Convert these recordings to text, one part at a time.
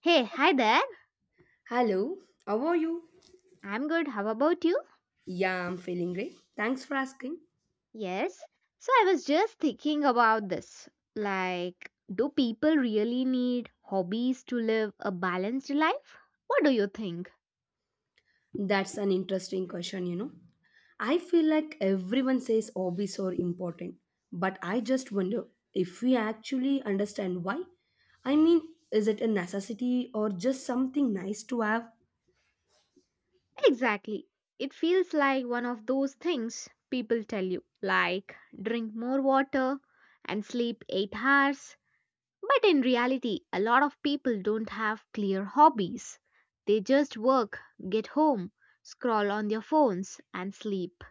Hey, hi there. Hello, how are you? I'm good. How about you? Yeah, I'm feeling great. Thanks for asking. Yes. So I was just thinking about this. Like, do people really need hobbies to live a balanced life? What do you think? That's an interesting question. I feel like everyone says hobbies are important, but I just wonder if we actually understand why. I mean, is it a necessity or just something nice to have? Exactly. It feels like one of those things people tell you, like drink more water and sleep 8 hours. But in reality, a lot of people don't have clear hobbies. They just work, get home, scroll on their phones, and sleep.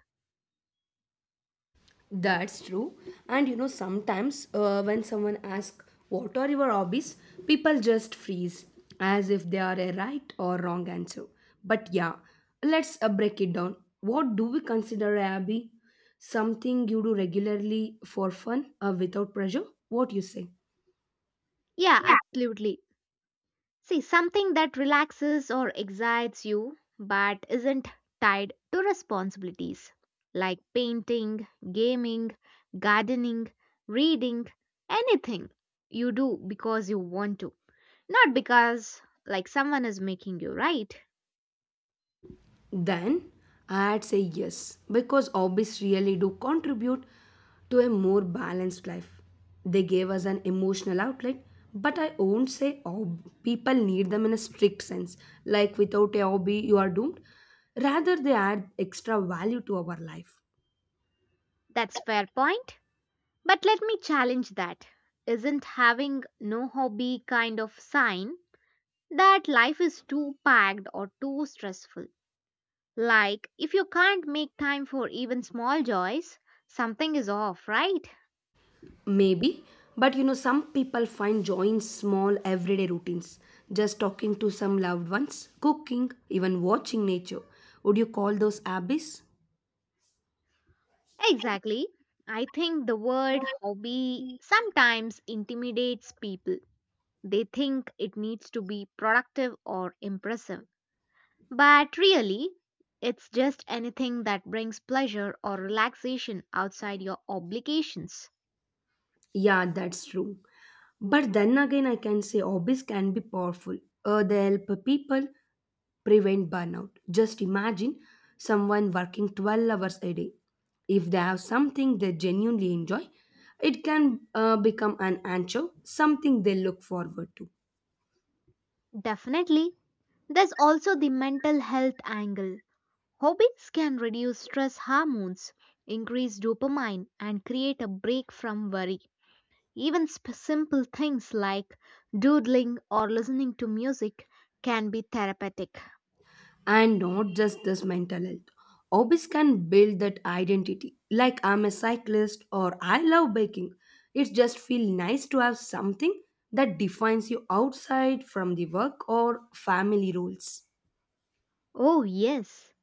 That's true. And sometimes when someone asks, What are your hobbies? People just freeze as if they are a right or wrong answer. But yeah, let's break it down. What do we consider a hobby? Something you do regularly for fun without pressure? What you say? Yeah, absolutely. See, something that relaxes or excites you but isn't tied to responsibilities like painting, gaming, gardening, reading, anything you do because you want to, not because like someone is making you right. Then I'd say yes, because hobbies really do contribute to a more balanced life. They gave us an emotional outlet, but I won't say people need them in a strict sense, like without a hobby, you are doomed. Rather, they add extra value to our life. That's fair point. But let me challenge that. Isn't having no hobby kind of sign that life is too packed or too stressful? Like, if you can't make time for even small joys, something is off, right? Maybe, but some people find joy in small everyday routines, just talking to some loved ones, cooking, even watching nature. Would you call those hobbies? Exactly. I think the word hobby sometimes intimidates people. They think it needs to be productive or impressive. But really, it's just anything that brings pleasure or relaxation outside your obligations. Yeah, that's true. But then again, I can say hobbies can be powerful. They help people prevent burnout. Just imagine someone working 12 hours a day. If they have something they genuinely enjoy, it can become an anchor, something they look forward to. Definitely. There's also the mental health angle. Hobbies can reduce stress hormones, increase dopamine, and create a break from worry. Even simple things like doodling or listening to music can be therapeutic. And not just this mental health. Hobbies can build that identity. Like I'm a cyclist or I love baking. It just feels nice to have something that defines you outside from the work or family rules. Oh, yes.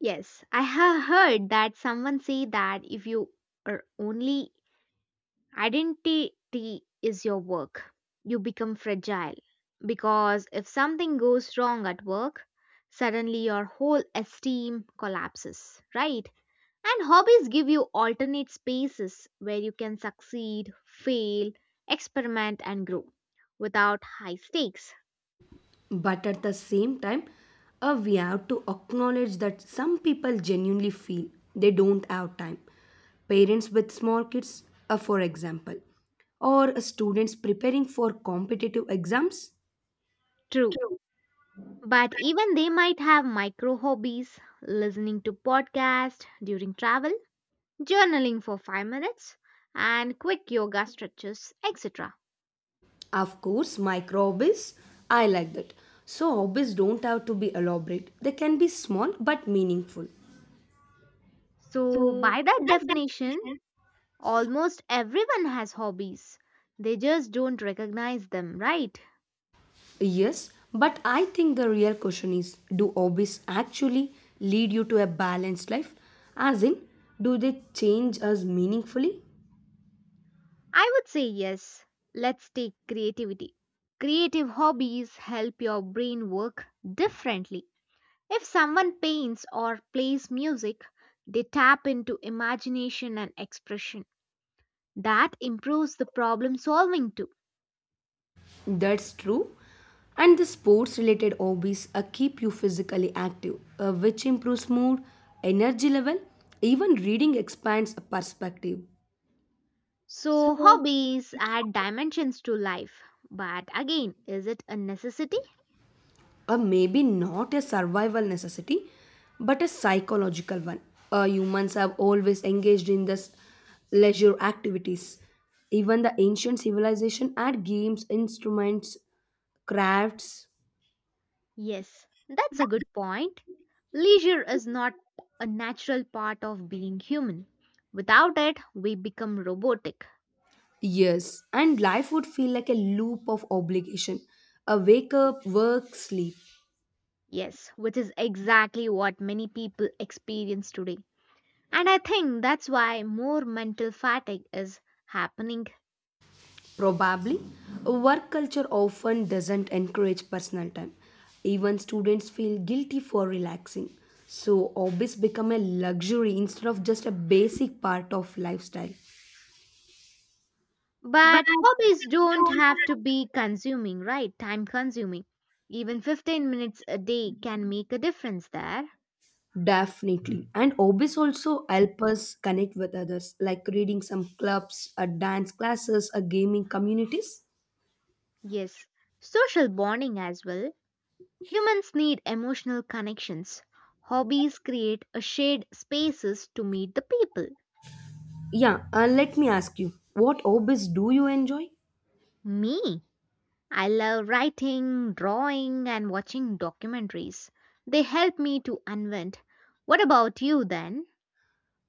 Yes, I have heard that someone say that if you are only identity is your work, you become fragile. Because if something goes wrong at work, suddenly your whole esteem collapses, right? And hobbies give you alternate spaces where you can succeed, fail, experiment, and grow without high stakes. But at the same time, we have to acknowledge that some people genuinely feel they don't have time. Parents with small kids, for example, or students preparing for competitive exams. True. But even they might have micro hobbies, listening to podcasts during travel, journaling for 5 minutes, and quick yoga stretches, etc. Of course, microbes, I like that. So, hobbies don't have to be elaborate, they can be small but meaningful. So, by that definition, almost everyone has hobbies. They just don't recognize them, right? Yes, but I think the real question is, do hobbies actually lead you to a balanced life? As in, do they change us meaningfully? I would say yes. Let's take creativity. Creative hobbies help your brain work differently. If someone paints or plays music, they tap into imagination and expression. That improves the problem solving too. That's true. And the sports related hobbies keep you physically active, which improves mood, energy level, even reading expands a perspective. So, hobbies add dimensions to life. But again, is it a necessity? Maybe not a survival necessity, but a psychological one. Humans have always engaged in this leisure activities. Even the ancient civilization had games, instruments, crafts. Yes, that's a good point. Leisure is not a natural part of being human. Without it, we become robotic. Yes, and life would feel like a loop of obligation. A wake up, work, sleep. Yes, which is exactly what many people experience today. And I think that's why more mental fatigue is happening. Probably, work culture often doesn't encourage personal time. Even students feel guilty for relaxing. So, hobbies become a luxury instead of just a basic part of lifestyle. But hobbies don't have to be consuming, right? Time consuming. Even 15 minutes a day can make a difference there. Definitely. And hobbies also help us connect with others, like reading some clubs, a dance classes, a gaming communities. Yes, social bonding as well. Humans need emotional connections. Hobbies create a shared spaces to meet the people. Yeah, let me ask you, what hobbies do you enjoy? Me, I love writing, drawing and watching documentaries. They help me to unwind. What about you then?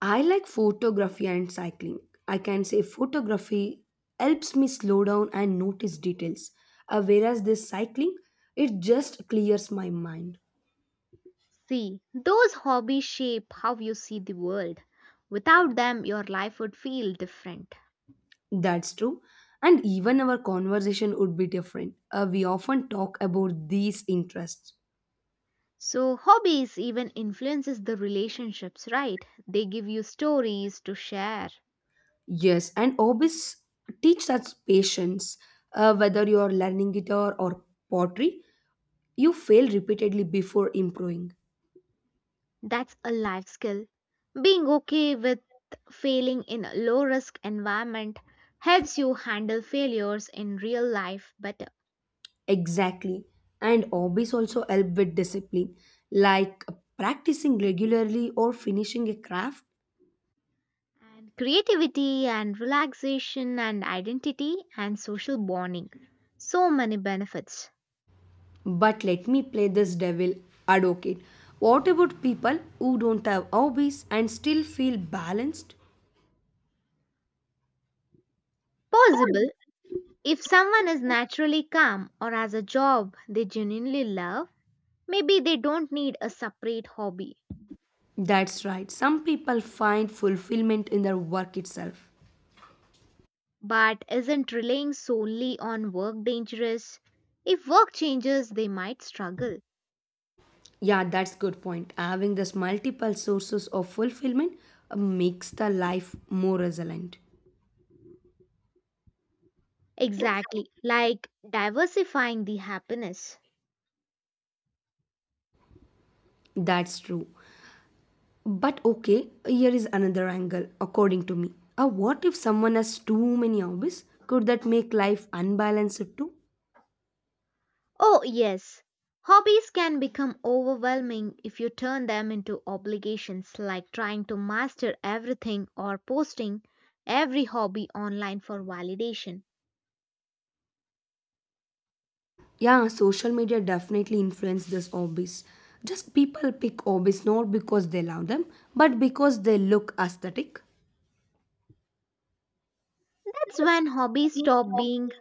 I like photography and cycling. I can say photography helps me slow down and notice details, whereas this cycling, it just clears my mind. See, those hobbies shape how you see the world. Without them, your life would feel different. That's true. And even our conversation would be different. We often talk about these interests. So hobbies even influences the relationships, right? They give you stories to share. Yes, and hobbies teach us patience. Whether you are learning guitar or pottery, you fail repeatedly before improving. That's a life skill. Being okay with failing in a low risk environment helps you handle failures in real life better. Exactly. And hobbies also help with discipline, like practicing regularly or finishing a craft. And creativity and relaxation and identity and social bonding. So many benefits. But let me play this devil advocate. What about people who don't have hobbies and still feel balanced? Possible if someone is naturally calm or has a job they genuinely love, maybe they don't need a separate hobby. That's right. Some people find fulfillment in their work itself. But isn't relying solely on work dangerous? If work changes, they might struggle. Yeah, that's good point. Having these multiple sources of fulfillment makes the life more resilient. Exactly, like diversifying the happiness. That's true. But okay, here is another angle, according to me. What if someone has too many hobbies? Could that make life unbalanced too? Oh, yes. Hobbies can become overwhelming if you turn them into obligations, like trying to master everything or posting every hobby online for validation. Yeah, social media definitely influence these hobbies. Just people pick hobbies not because they love them, but because they look aesthetic. That's when hobbies stop being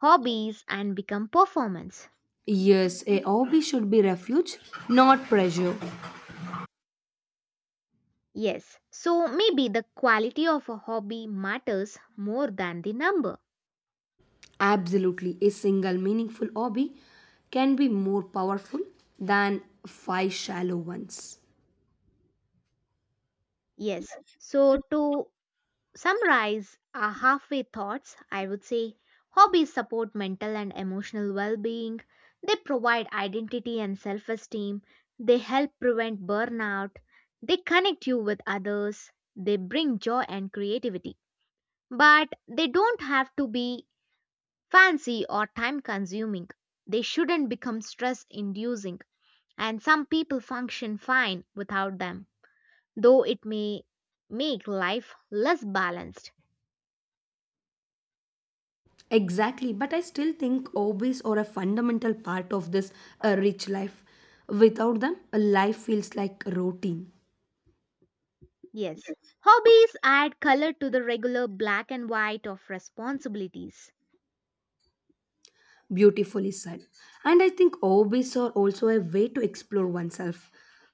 hobbies and become performance. Yes, a hobby should be refuge, not pressure. Yes, so maybe the quality of a hobby matters more than the number. Absolutely, a single meaningful hobby can be more powerful than five shallow ones. Yes, so to summarize our halfway thoughts, I would say hobbies support mental and emotional well being, they provide identity and self esteem, they help prevent burnout, they connect you with others, they bring joy and creativity. But they don't have to be fancy or time consuming, they shouldn't become stress inducing and some people function fine without them, though it may make life less balanced. Exactly, but I still think hobbies are a fundamental part of this rich life. Without them, a life feels like routine. Yes. Hobbies add color to the regular black and white of responsibilities. Beautifully said. And I think hobbies are also a way to explore oneself.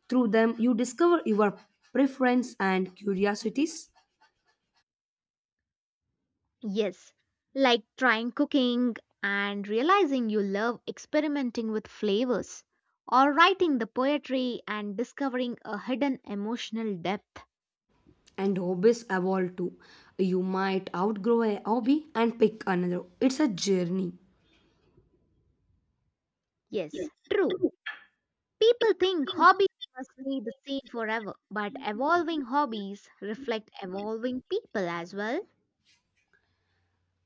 Through them, you discover your preference and curiosities. Yes, like trying cooking and realizing you love experimenting with flavors, or writing the poetry and discovering a hidden emotional depth. And hobbies evolve too. You might outgrow a hobby and pick another. It's a journey. Yes, true. People think hobbies must stay the same forever, but evolving hobbies reflect evolving people as well.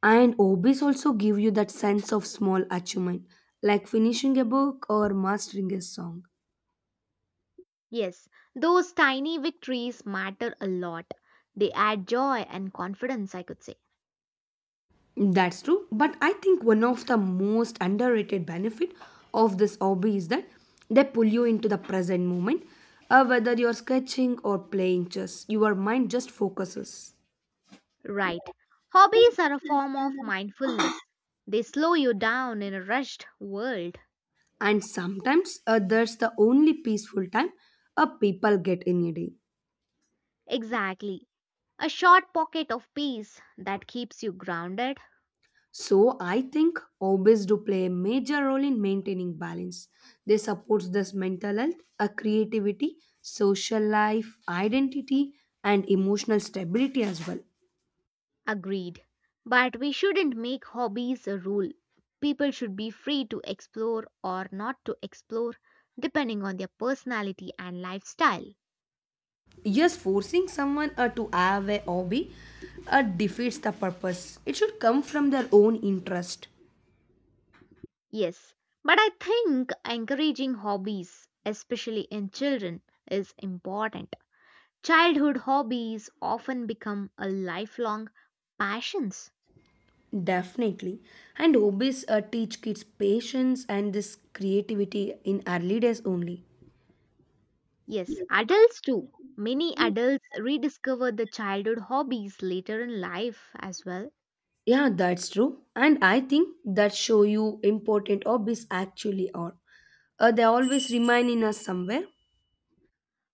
And hobbies also give you that sense of small achievement, like finishing a book or mastering a song. Yes, those tiny victories matter a lot. They add joy and confidence, I could say. That's true, but I think one of the most underrated benefit of this hobby is that they pull you into the present moment. Whether you're sketching or playing chess, your mind just focuses. Right. Hobbies are a form of mindfulness. They slow you down in a rushed world. And sometimes that's the only peaceful time people get in a day. Exactly. A short pocket of peace that keeps you grounded. So I think hobbies do play a major role in maintaining balance. They support this mental health, a creativity, social life, identity, and emotional stability as well. Agreed. But we shouldn't make hobbies a rule. People should be free to explore or not to explore depending on their personality and lifestyle. Yes, forcing someone to have a hobby defeats the purpose. It should come from their own interest. Yes, but I think encouraging hobbies, especially in children, is important. Childhood hobbies often become a lifelong passions. Definitely. And hobbies teach kids patience and this creativity in early days only. Yes, adults too. Many adults rediscover the childhood hobbies later in life as well. Yeah, that's true. And I think that show you important hobbies actually are. They always remain in us somewhere.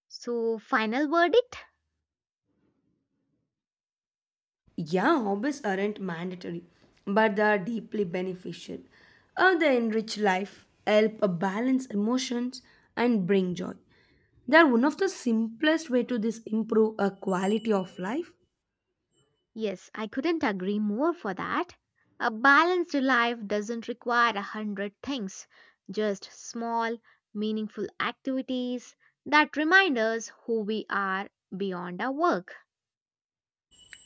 So, final verdict? Yeah, hobbies aren't mandatory, but they are deeply beneficial. They enrich life, help balance emotions, and bring joy. They are one of the simplest way to this improve a quality of life. Yes, I couldn't agree more for that. A balanced life doesn't require a hundred things, just small, meaningful activities that remind us who we are beyond our work.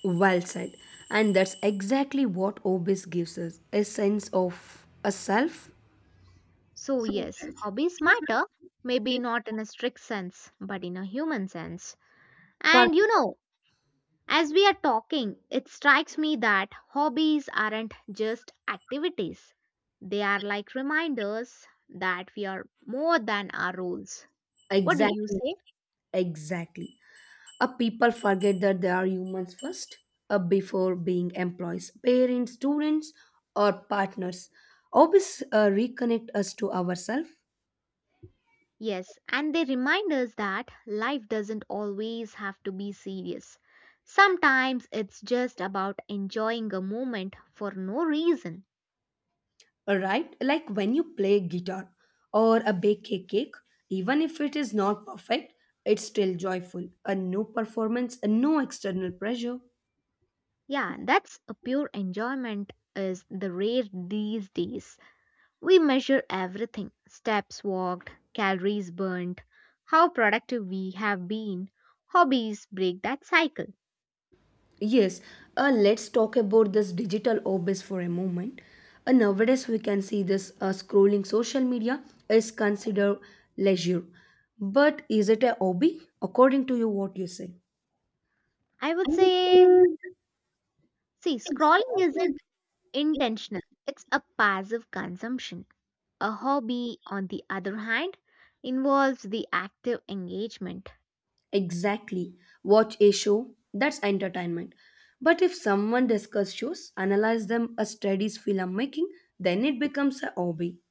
Well said. And that's exactly what hobbies gives us a sense of a self. So, yes, hobbies matter, maybe not in a strict sense, but in a human sense. And you Perfect. know, as we are talking, it strikes me that hobbies aren't just activities, they are like reminders that we are more than our roles. What do you Exactly. say? Exactly. People forget that they are humans first before being employees, parents, students, or partners. Hobbies reconnect us to ourselves, Yes, and they remind us that life doesn't always have to be serious. Sometimes it's just about enjoying a moment for no reason. right? Like when you play guitar or a bake a cake, even if it is not perfect, it's still joyful. A no performance, a no external pressure. Yeah, that's a pure enjoyment is the rare these days. We measure everything steps walked, calories burnt, how productive we have been. Hobbies break that cycle. Yes, let's talk about this digital obese for a moment. Nowadays, we can see this scrolling social media is considered leisure. But is it a hobby? According to you, what you say? I would say, see, scrolling isn't intentional. It's a passive consumption. A hobby, on the other hand, involves the active engagement. Exactly. Watch a show, that's entertainment. But if someone discuss shows, analyze them as studies filmmaking, then it becomes a hobby.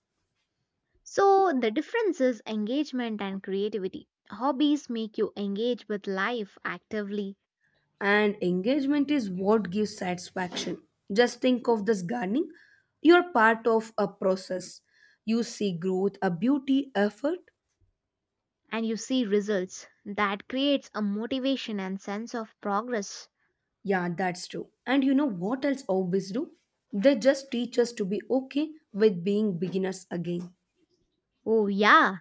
So the difference is engagement and creativity. Hobbies make you engage with life actively And engagement is what gives satisfaction. Just think of this gardening, you're part of a process, you see growth, a beauty, effort. and you see results. That creates a motivation and sense of progress. Yeah, that's true. And you know what else hobbies do? They just teach us to be okay with being beginners again. Oh, yeah.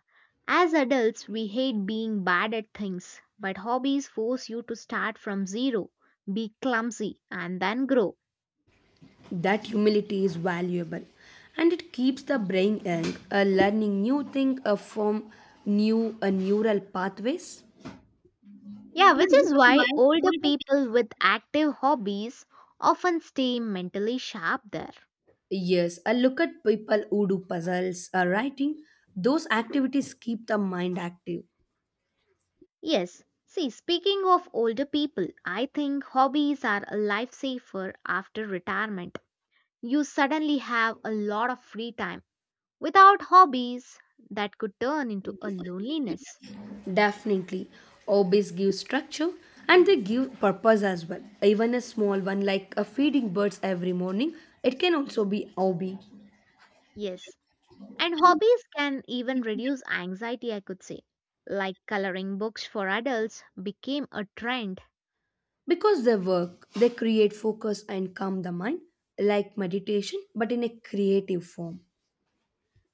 As adults, we hate being bad at things, but hobbies force you to start from zero, be clumsy, and then grow. That humility is valuable, and it keeps the brain young, learning new things, from new neural pathways. Yeah, which is why older people with active hobbies often stay mentally sharp there. Yes, I look at people who do puzzles or writing. Those activities keep the mind active. Yes, see, speaking of older people, I think hobbies are a lifesaver after retirement. You suddenly have a lot of free time. Without hobbies, that could turn into a loneliness. Definitely. Hobbies give structure and they give purpose as well. Even a small one like a feeding birds every morning, it can also be hobby. Yes, and hobbies can even reduce anxiety, I could say. Like coloring books for adults became a trend. Because they work, they create focus and calm the mind, like meditation, but in a creative form.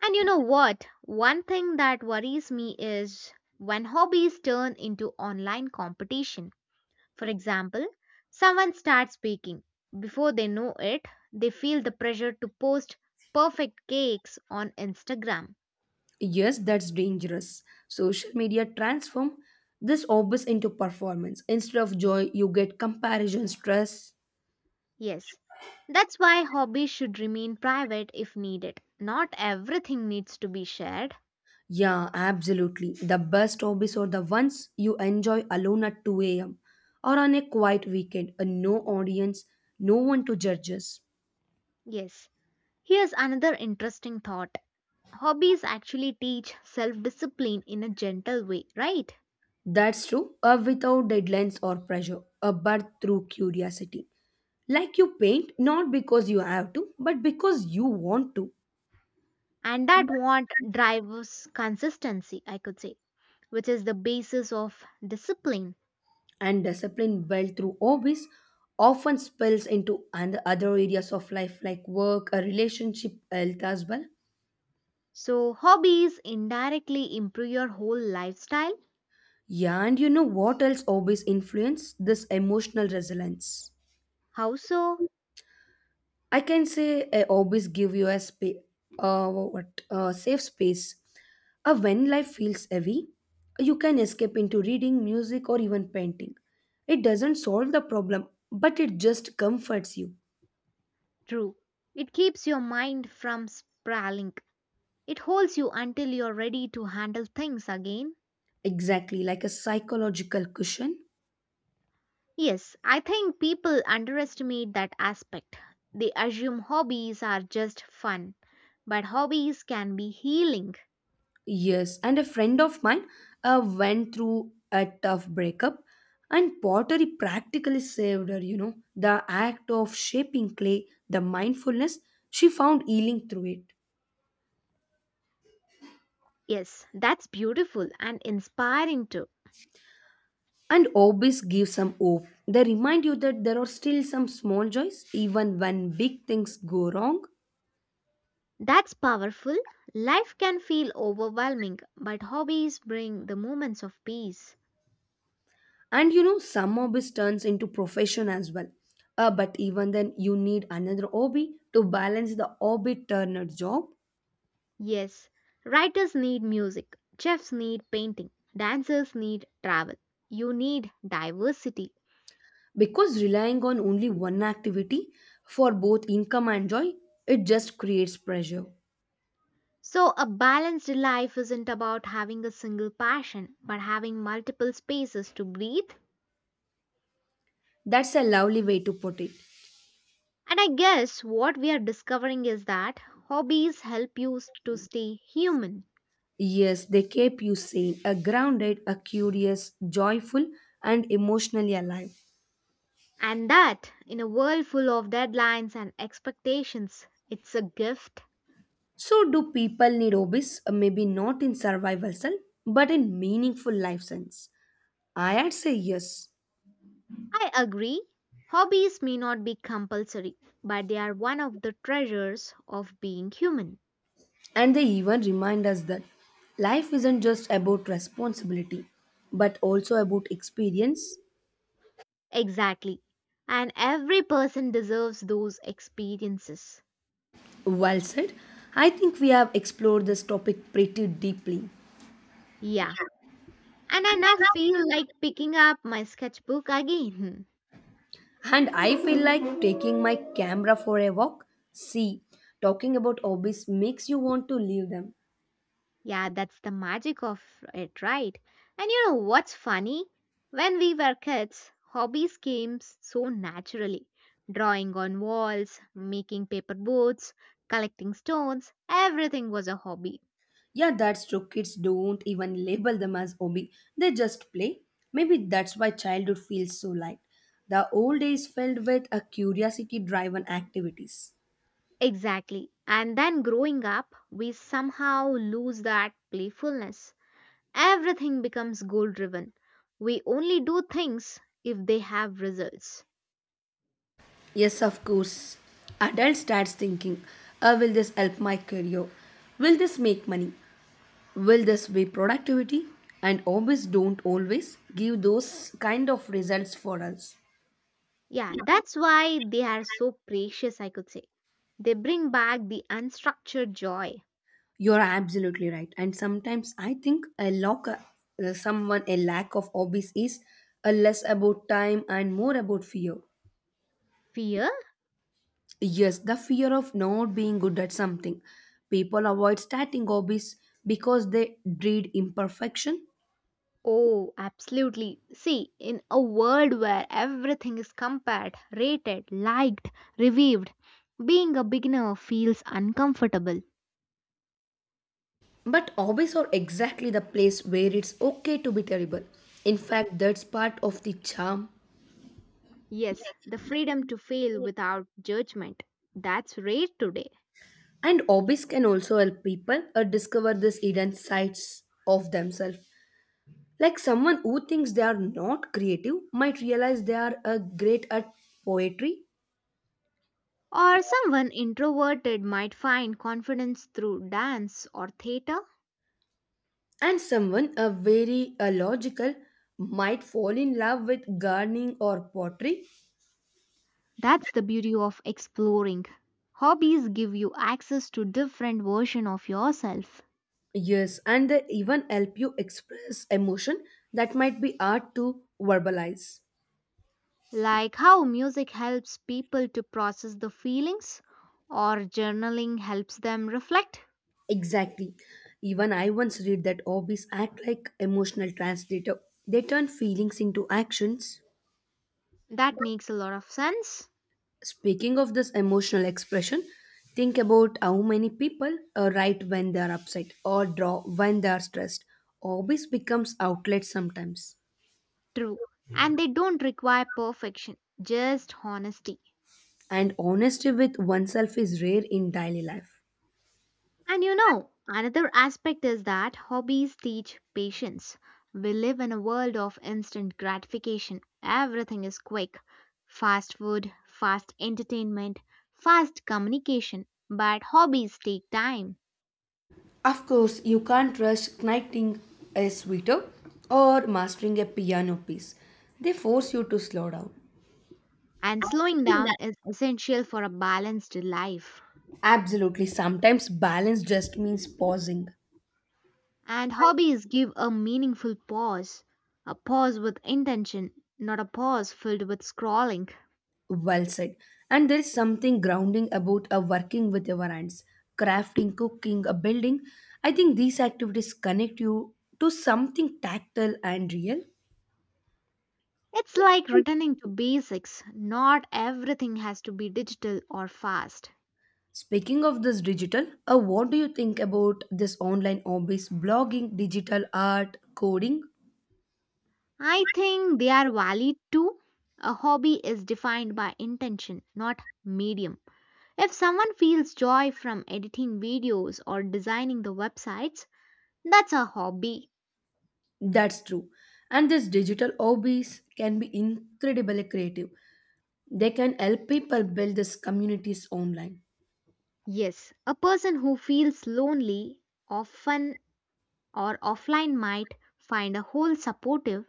And you know what? One thing that worries me is when hobbies turn into online competition. For example, someone starts baking. Before they know it, they feel the pressure to post perfect cakes on Instagram. Yes, that's dangerous. Social media transform this obvious into performance. Instead of joy, you get comparison stress. Yes, that's why hobbies should remain private if needed. Not everything needs to be shared. Yeah, absolutely. The best hobbies are the ones you enjoy alone at 2 a.m. or on a quiet weekend, and no audience, no one to judge us. Yes, here's another interesting thought. Hobbies actually teach self discipline in a gentle way, right? That's true, without deadlines or pressure, a but through curiosity. Like you paint, not because you have to, but because you want to. And that want drives consistency, I could say, which is the basis of discipline. And discipline built through hobbies often spills into and other areas of life like work, a relationship, health as well. So hobbies indirectly improve your whole lifestyle. Yeah, and you know what else hobbies influence? This emotional resilience. How so? I can say hobbies give you a space, safe space. When life feels heavy, you can escape into reading, music, or even painting. It doesn't solve the problem, but it just comforts you. True, it keeps your mind from sprawling. It holds you until you're ready to handle things again. Exactly, like a psychological cushion. Yes, I think people underestimate that aspect. They assume hobbies are just fun, but hobbies can be healing. Yes, and a friend of mine went through a tough breakup, and pottery practically saved her. The act of shaping clay, the mindfulness, she found healing through it. Yes, that's beautiful and inspiring too. And hobbies give some hope. They remind you that there are still some small joys, even when big things go wrong. That's powerful. Life can feel overwhelming, but hobbies bring the moments of peace. And some hobbies turns into profession as well. But even then, you need another hobby to balance the hobby turned job. Yes, writers need music, chefs need painting, dancers need travel. You need diversity. Because relying on only one activity for both income and joy, it just creates pressure. So, a balanced life isn't about having a single passion, but having multiple spaces to breathe. That's a lovely way to put it. And I guess what we are discovering is that hobbies help you to stay human. Yes, they keep you sane, a grounded, a curious, joyful, and emotionally alive. And that, in a world full of deadlines and expectations, it's a gift. So, do people need hobbies? Maybe not in survival sense, but in meaningful life sense. I'd say yes. I agree. Hobbies may not be compulsory, but they are one of the treasures of being human. And they even remind us that life isn't just about responsibility, but also about experience. Exactly. And every person deserves those experiences. Well said. I think we have explored this topic pretty deeply. Yeah. And I now feel like picking up my sketchbook again. And I feel like taking my camera for a walk. See, talking about hobbies makes you want to leave them. Yeah, that's the magic of it, right? And you know what's funny? When we were kids, hobbies came so naturally. Drawing on walls, making paper boats, collecting stones, everything was a hobby. Yeah, that's true. Kids don't even label them as hobby, they just play. Maybe that's why childhood feels so light. The old days filled with a curiosity driven activities. Exactly. And then growing up, we somehow lose that playfulness. Everything becomes goal driven. We only do things if they have results. Yes, of course. Adult starts thinking, will this help my career? Will this make money? Will this be productivity? And hobbies don't always give those kind of results for us. Yeah, that's why they are so precious, I could say. They bring back the unstructured joy. You're absolutely right, and sometimes I think a lack someone a lack of hobbies is a less about time and more about fear. Fear? Yes, the fear of not being good at something. People avoid starting hobbies because they dread imperfection. Oh, absolutely. See, in a world where everything is compared, rated, liked, reviewed, being a beginner feels uncomfortable. But hobbies are exactly the place where it's okay to be terrible. In fact, that's part of the charm. Yes, the freedom to fail without judgment. That's rare today. And hobbies can also help people discover these hidden sides of themselves. Like someone who thinks they are not creative might realize they are great at poetry, Or someone introverted might find confidence through dance or theatre. and someone very logical might fall in love with gardening or pottery. That's the beauty of exploring. Hobbies give you access to different version of yourself, Yes, and they even help you express emotion that might be hard to verbalize. like how music helps people to process the feelings or journaling helps them reflect. Exactly. Even I once read that hobbies act like emotional translator. They turn feelings into actions. That makes a lot of sense. Speaking of this emotional expression, think about how many people write when they are upset or draw when they are stressed. Hobbies becomes outlets sometimes. True. And they don't require perfection, just honesty. And honesty with oneself is rare in daily life. Another aspect is that hobbies teach patience. We live in a world of instant gratification. Everything is quick fast food, fast entertainment, fast communication. But hobbies take time, Of course, you can't rush knitting a sweater or mastering a piano piece. They force you to slow down. and slowing down is essential for a balanced life. Absolutely. Sometimes balance just means pausing. And hobbies give a meaningful pause, a pause with intention, not a pause filled with scrolling. Well said. And there is something grounding about a working with your hands, crafting, cooking, a building. I think these activities connect you to something tactile and real. It's like returning to basics. Not everything has to be digital or fast. Speaking of this digital, what do you think about this online hobbies, blogging, digital art, coding? I think they are valid too. A hobby is defined by intention, not medium. If someone feels joy from editing videos or designing the websites, that's a hobby. That's true. And these digital hobbies can be incredibly creative. They can help people build these communities online. Yes, a person who feels lonely often or offline might find a whole supportive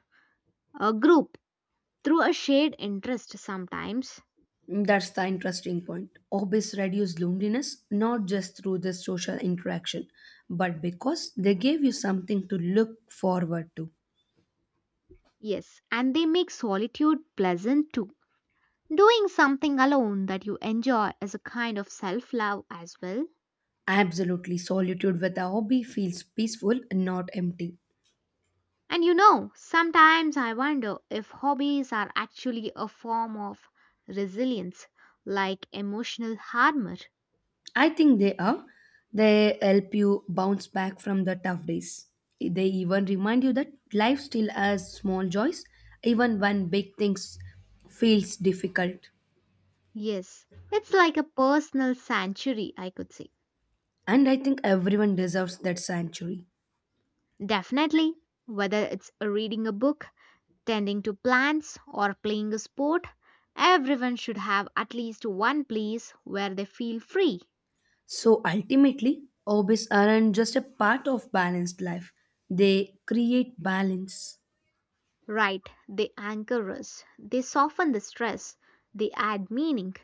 a group through a shared interest sometimes. That's the interesting point. Hobbies reduce loneliness not just through the social interaction, but because they gave you something to look forward to. Yes, and they make solitude pleasant too. Doing something alone that you enjoy is a kind of self love as well. Absolutely, solitude with a hobby feels peaceful and not empty. Sometimes I wonder if hobbies are actually a form of resilience, like emotional armor. I think they are. They help you bounce back from the tough days. They even remind you that life still has small joys, even when big things feels difficult. Yes, it's like a personal sanctuary, I could say. And I think everyone deserves that sanctuary. Definitely, whether it's reading a book, tending to plants, or playing a sport, everyone should have at least one place where they feel free. So ultimately, hobbies aren't just a part of balanced life, they create balance. Right, they anchor us, they soften the stress, they add meaning.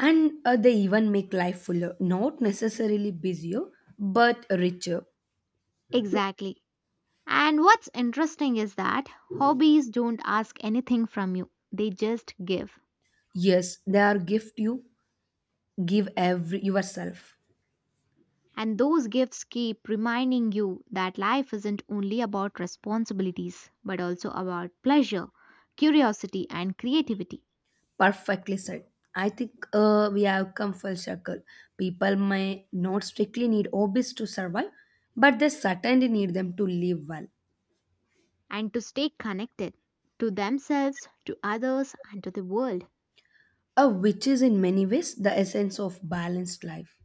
And they even make life fuller, not necessarily busier, but richer. Exactly. And what's interesting is that hobbies don't ask anything from you, they just give. Yes, they are gift you give every yourself. And those gifts keep reminding you that life isn't only about responsibilities, but also about pleasure, curiosity, and creativity. Perfectly said. I think we have come full circle. People may not strictly need hobbies to survive, but they certainly need them to live well, And to stay connected to themselves, to others, and to the world. Which is in many ways the essence of balanced life.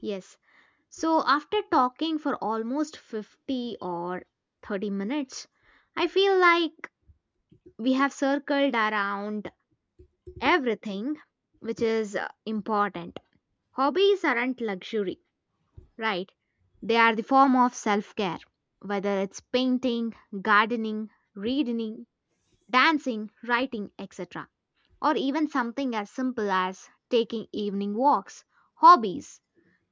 Yes. So, after talking for almost 50 or 30 minutes, I feel like we have circled around everything which is important. Hobbies aren't luxury, right? They are the form of self care, whether it's painting, gardening, reading, dancing, writing, etc. Or even something as simple as taking evening walks, hobbies.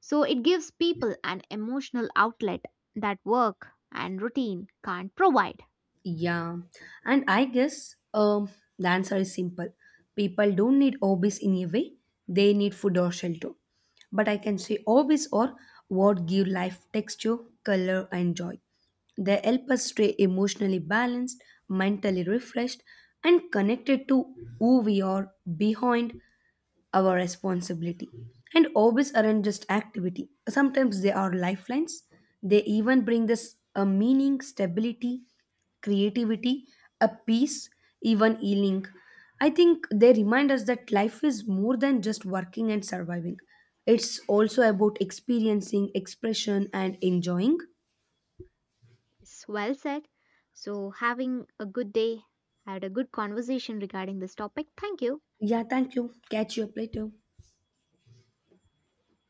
So it gives people an emotional outlet that work and routine can't provide. Yeah, and I guess the answer is simple. People don't need hobbies in a way, they need food or shelter. But I can say hobbies are what give life texture, color, and joy. They help us stay emotionally balanced, mentally refreshed, and connected to who we are behind our responsibility. And hobbies aren't just activity. Sometimes they are lifelines. They even bring us a meaning, stability, creativity, a peace, even healing. I think they remind us that life is more than just working and surviving. It's also about experiencing, expression, and enjoying. Yes, well said. So having a good day, had a good conversation regarding this topic. Thank you. Yeah, thank you. Catch you up later.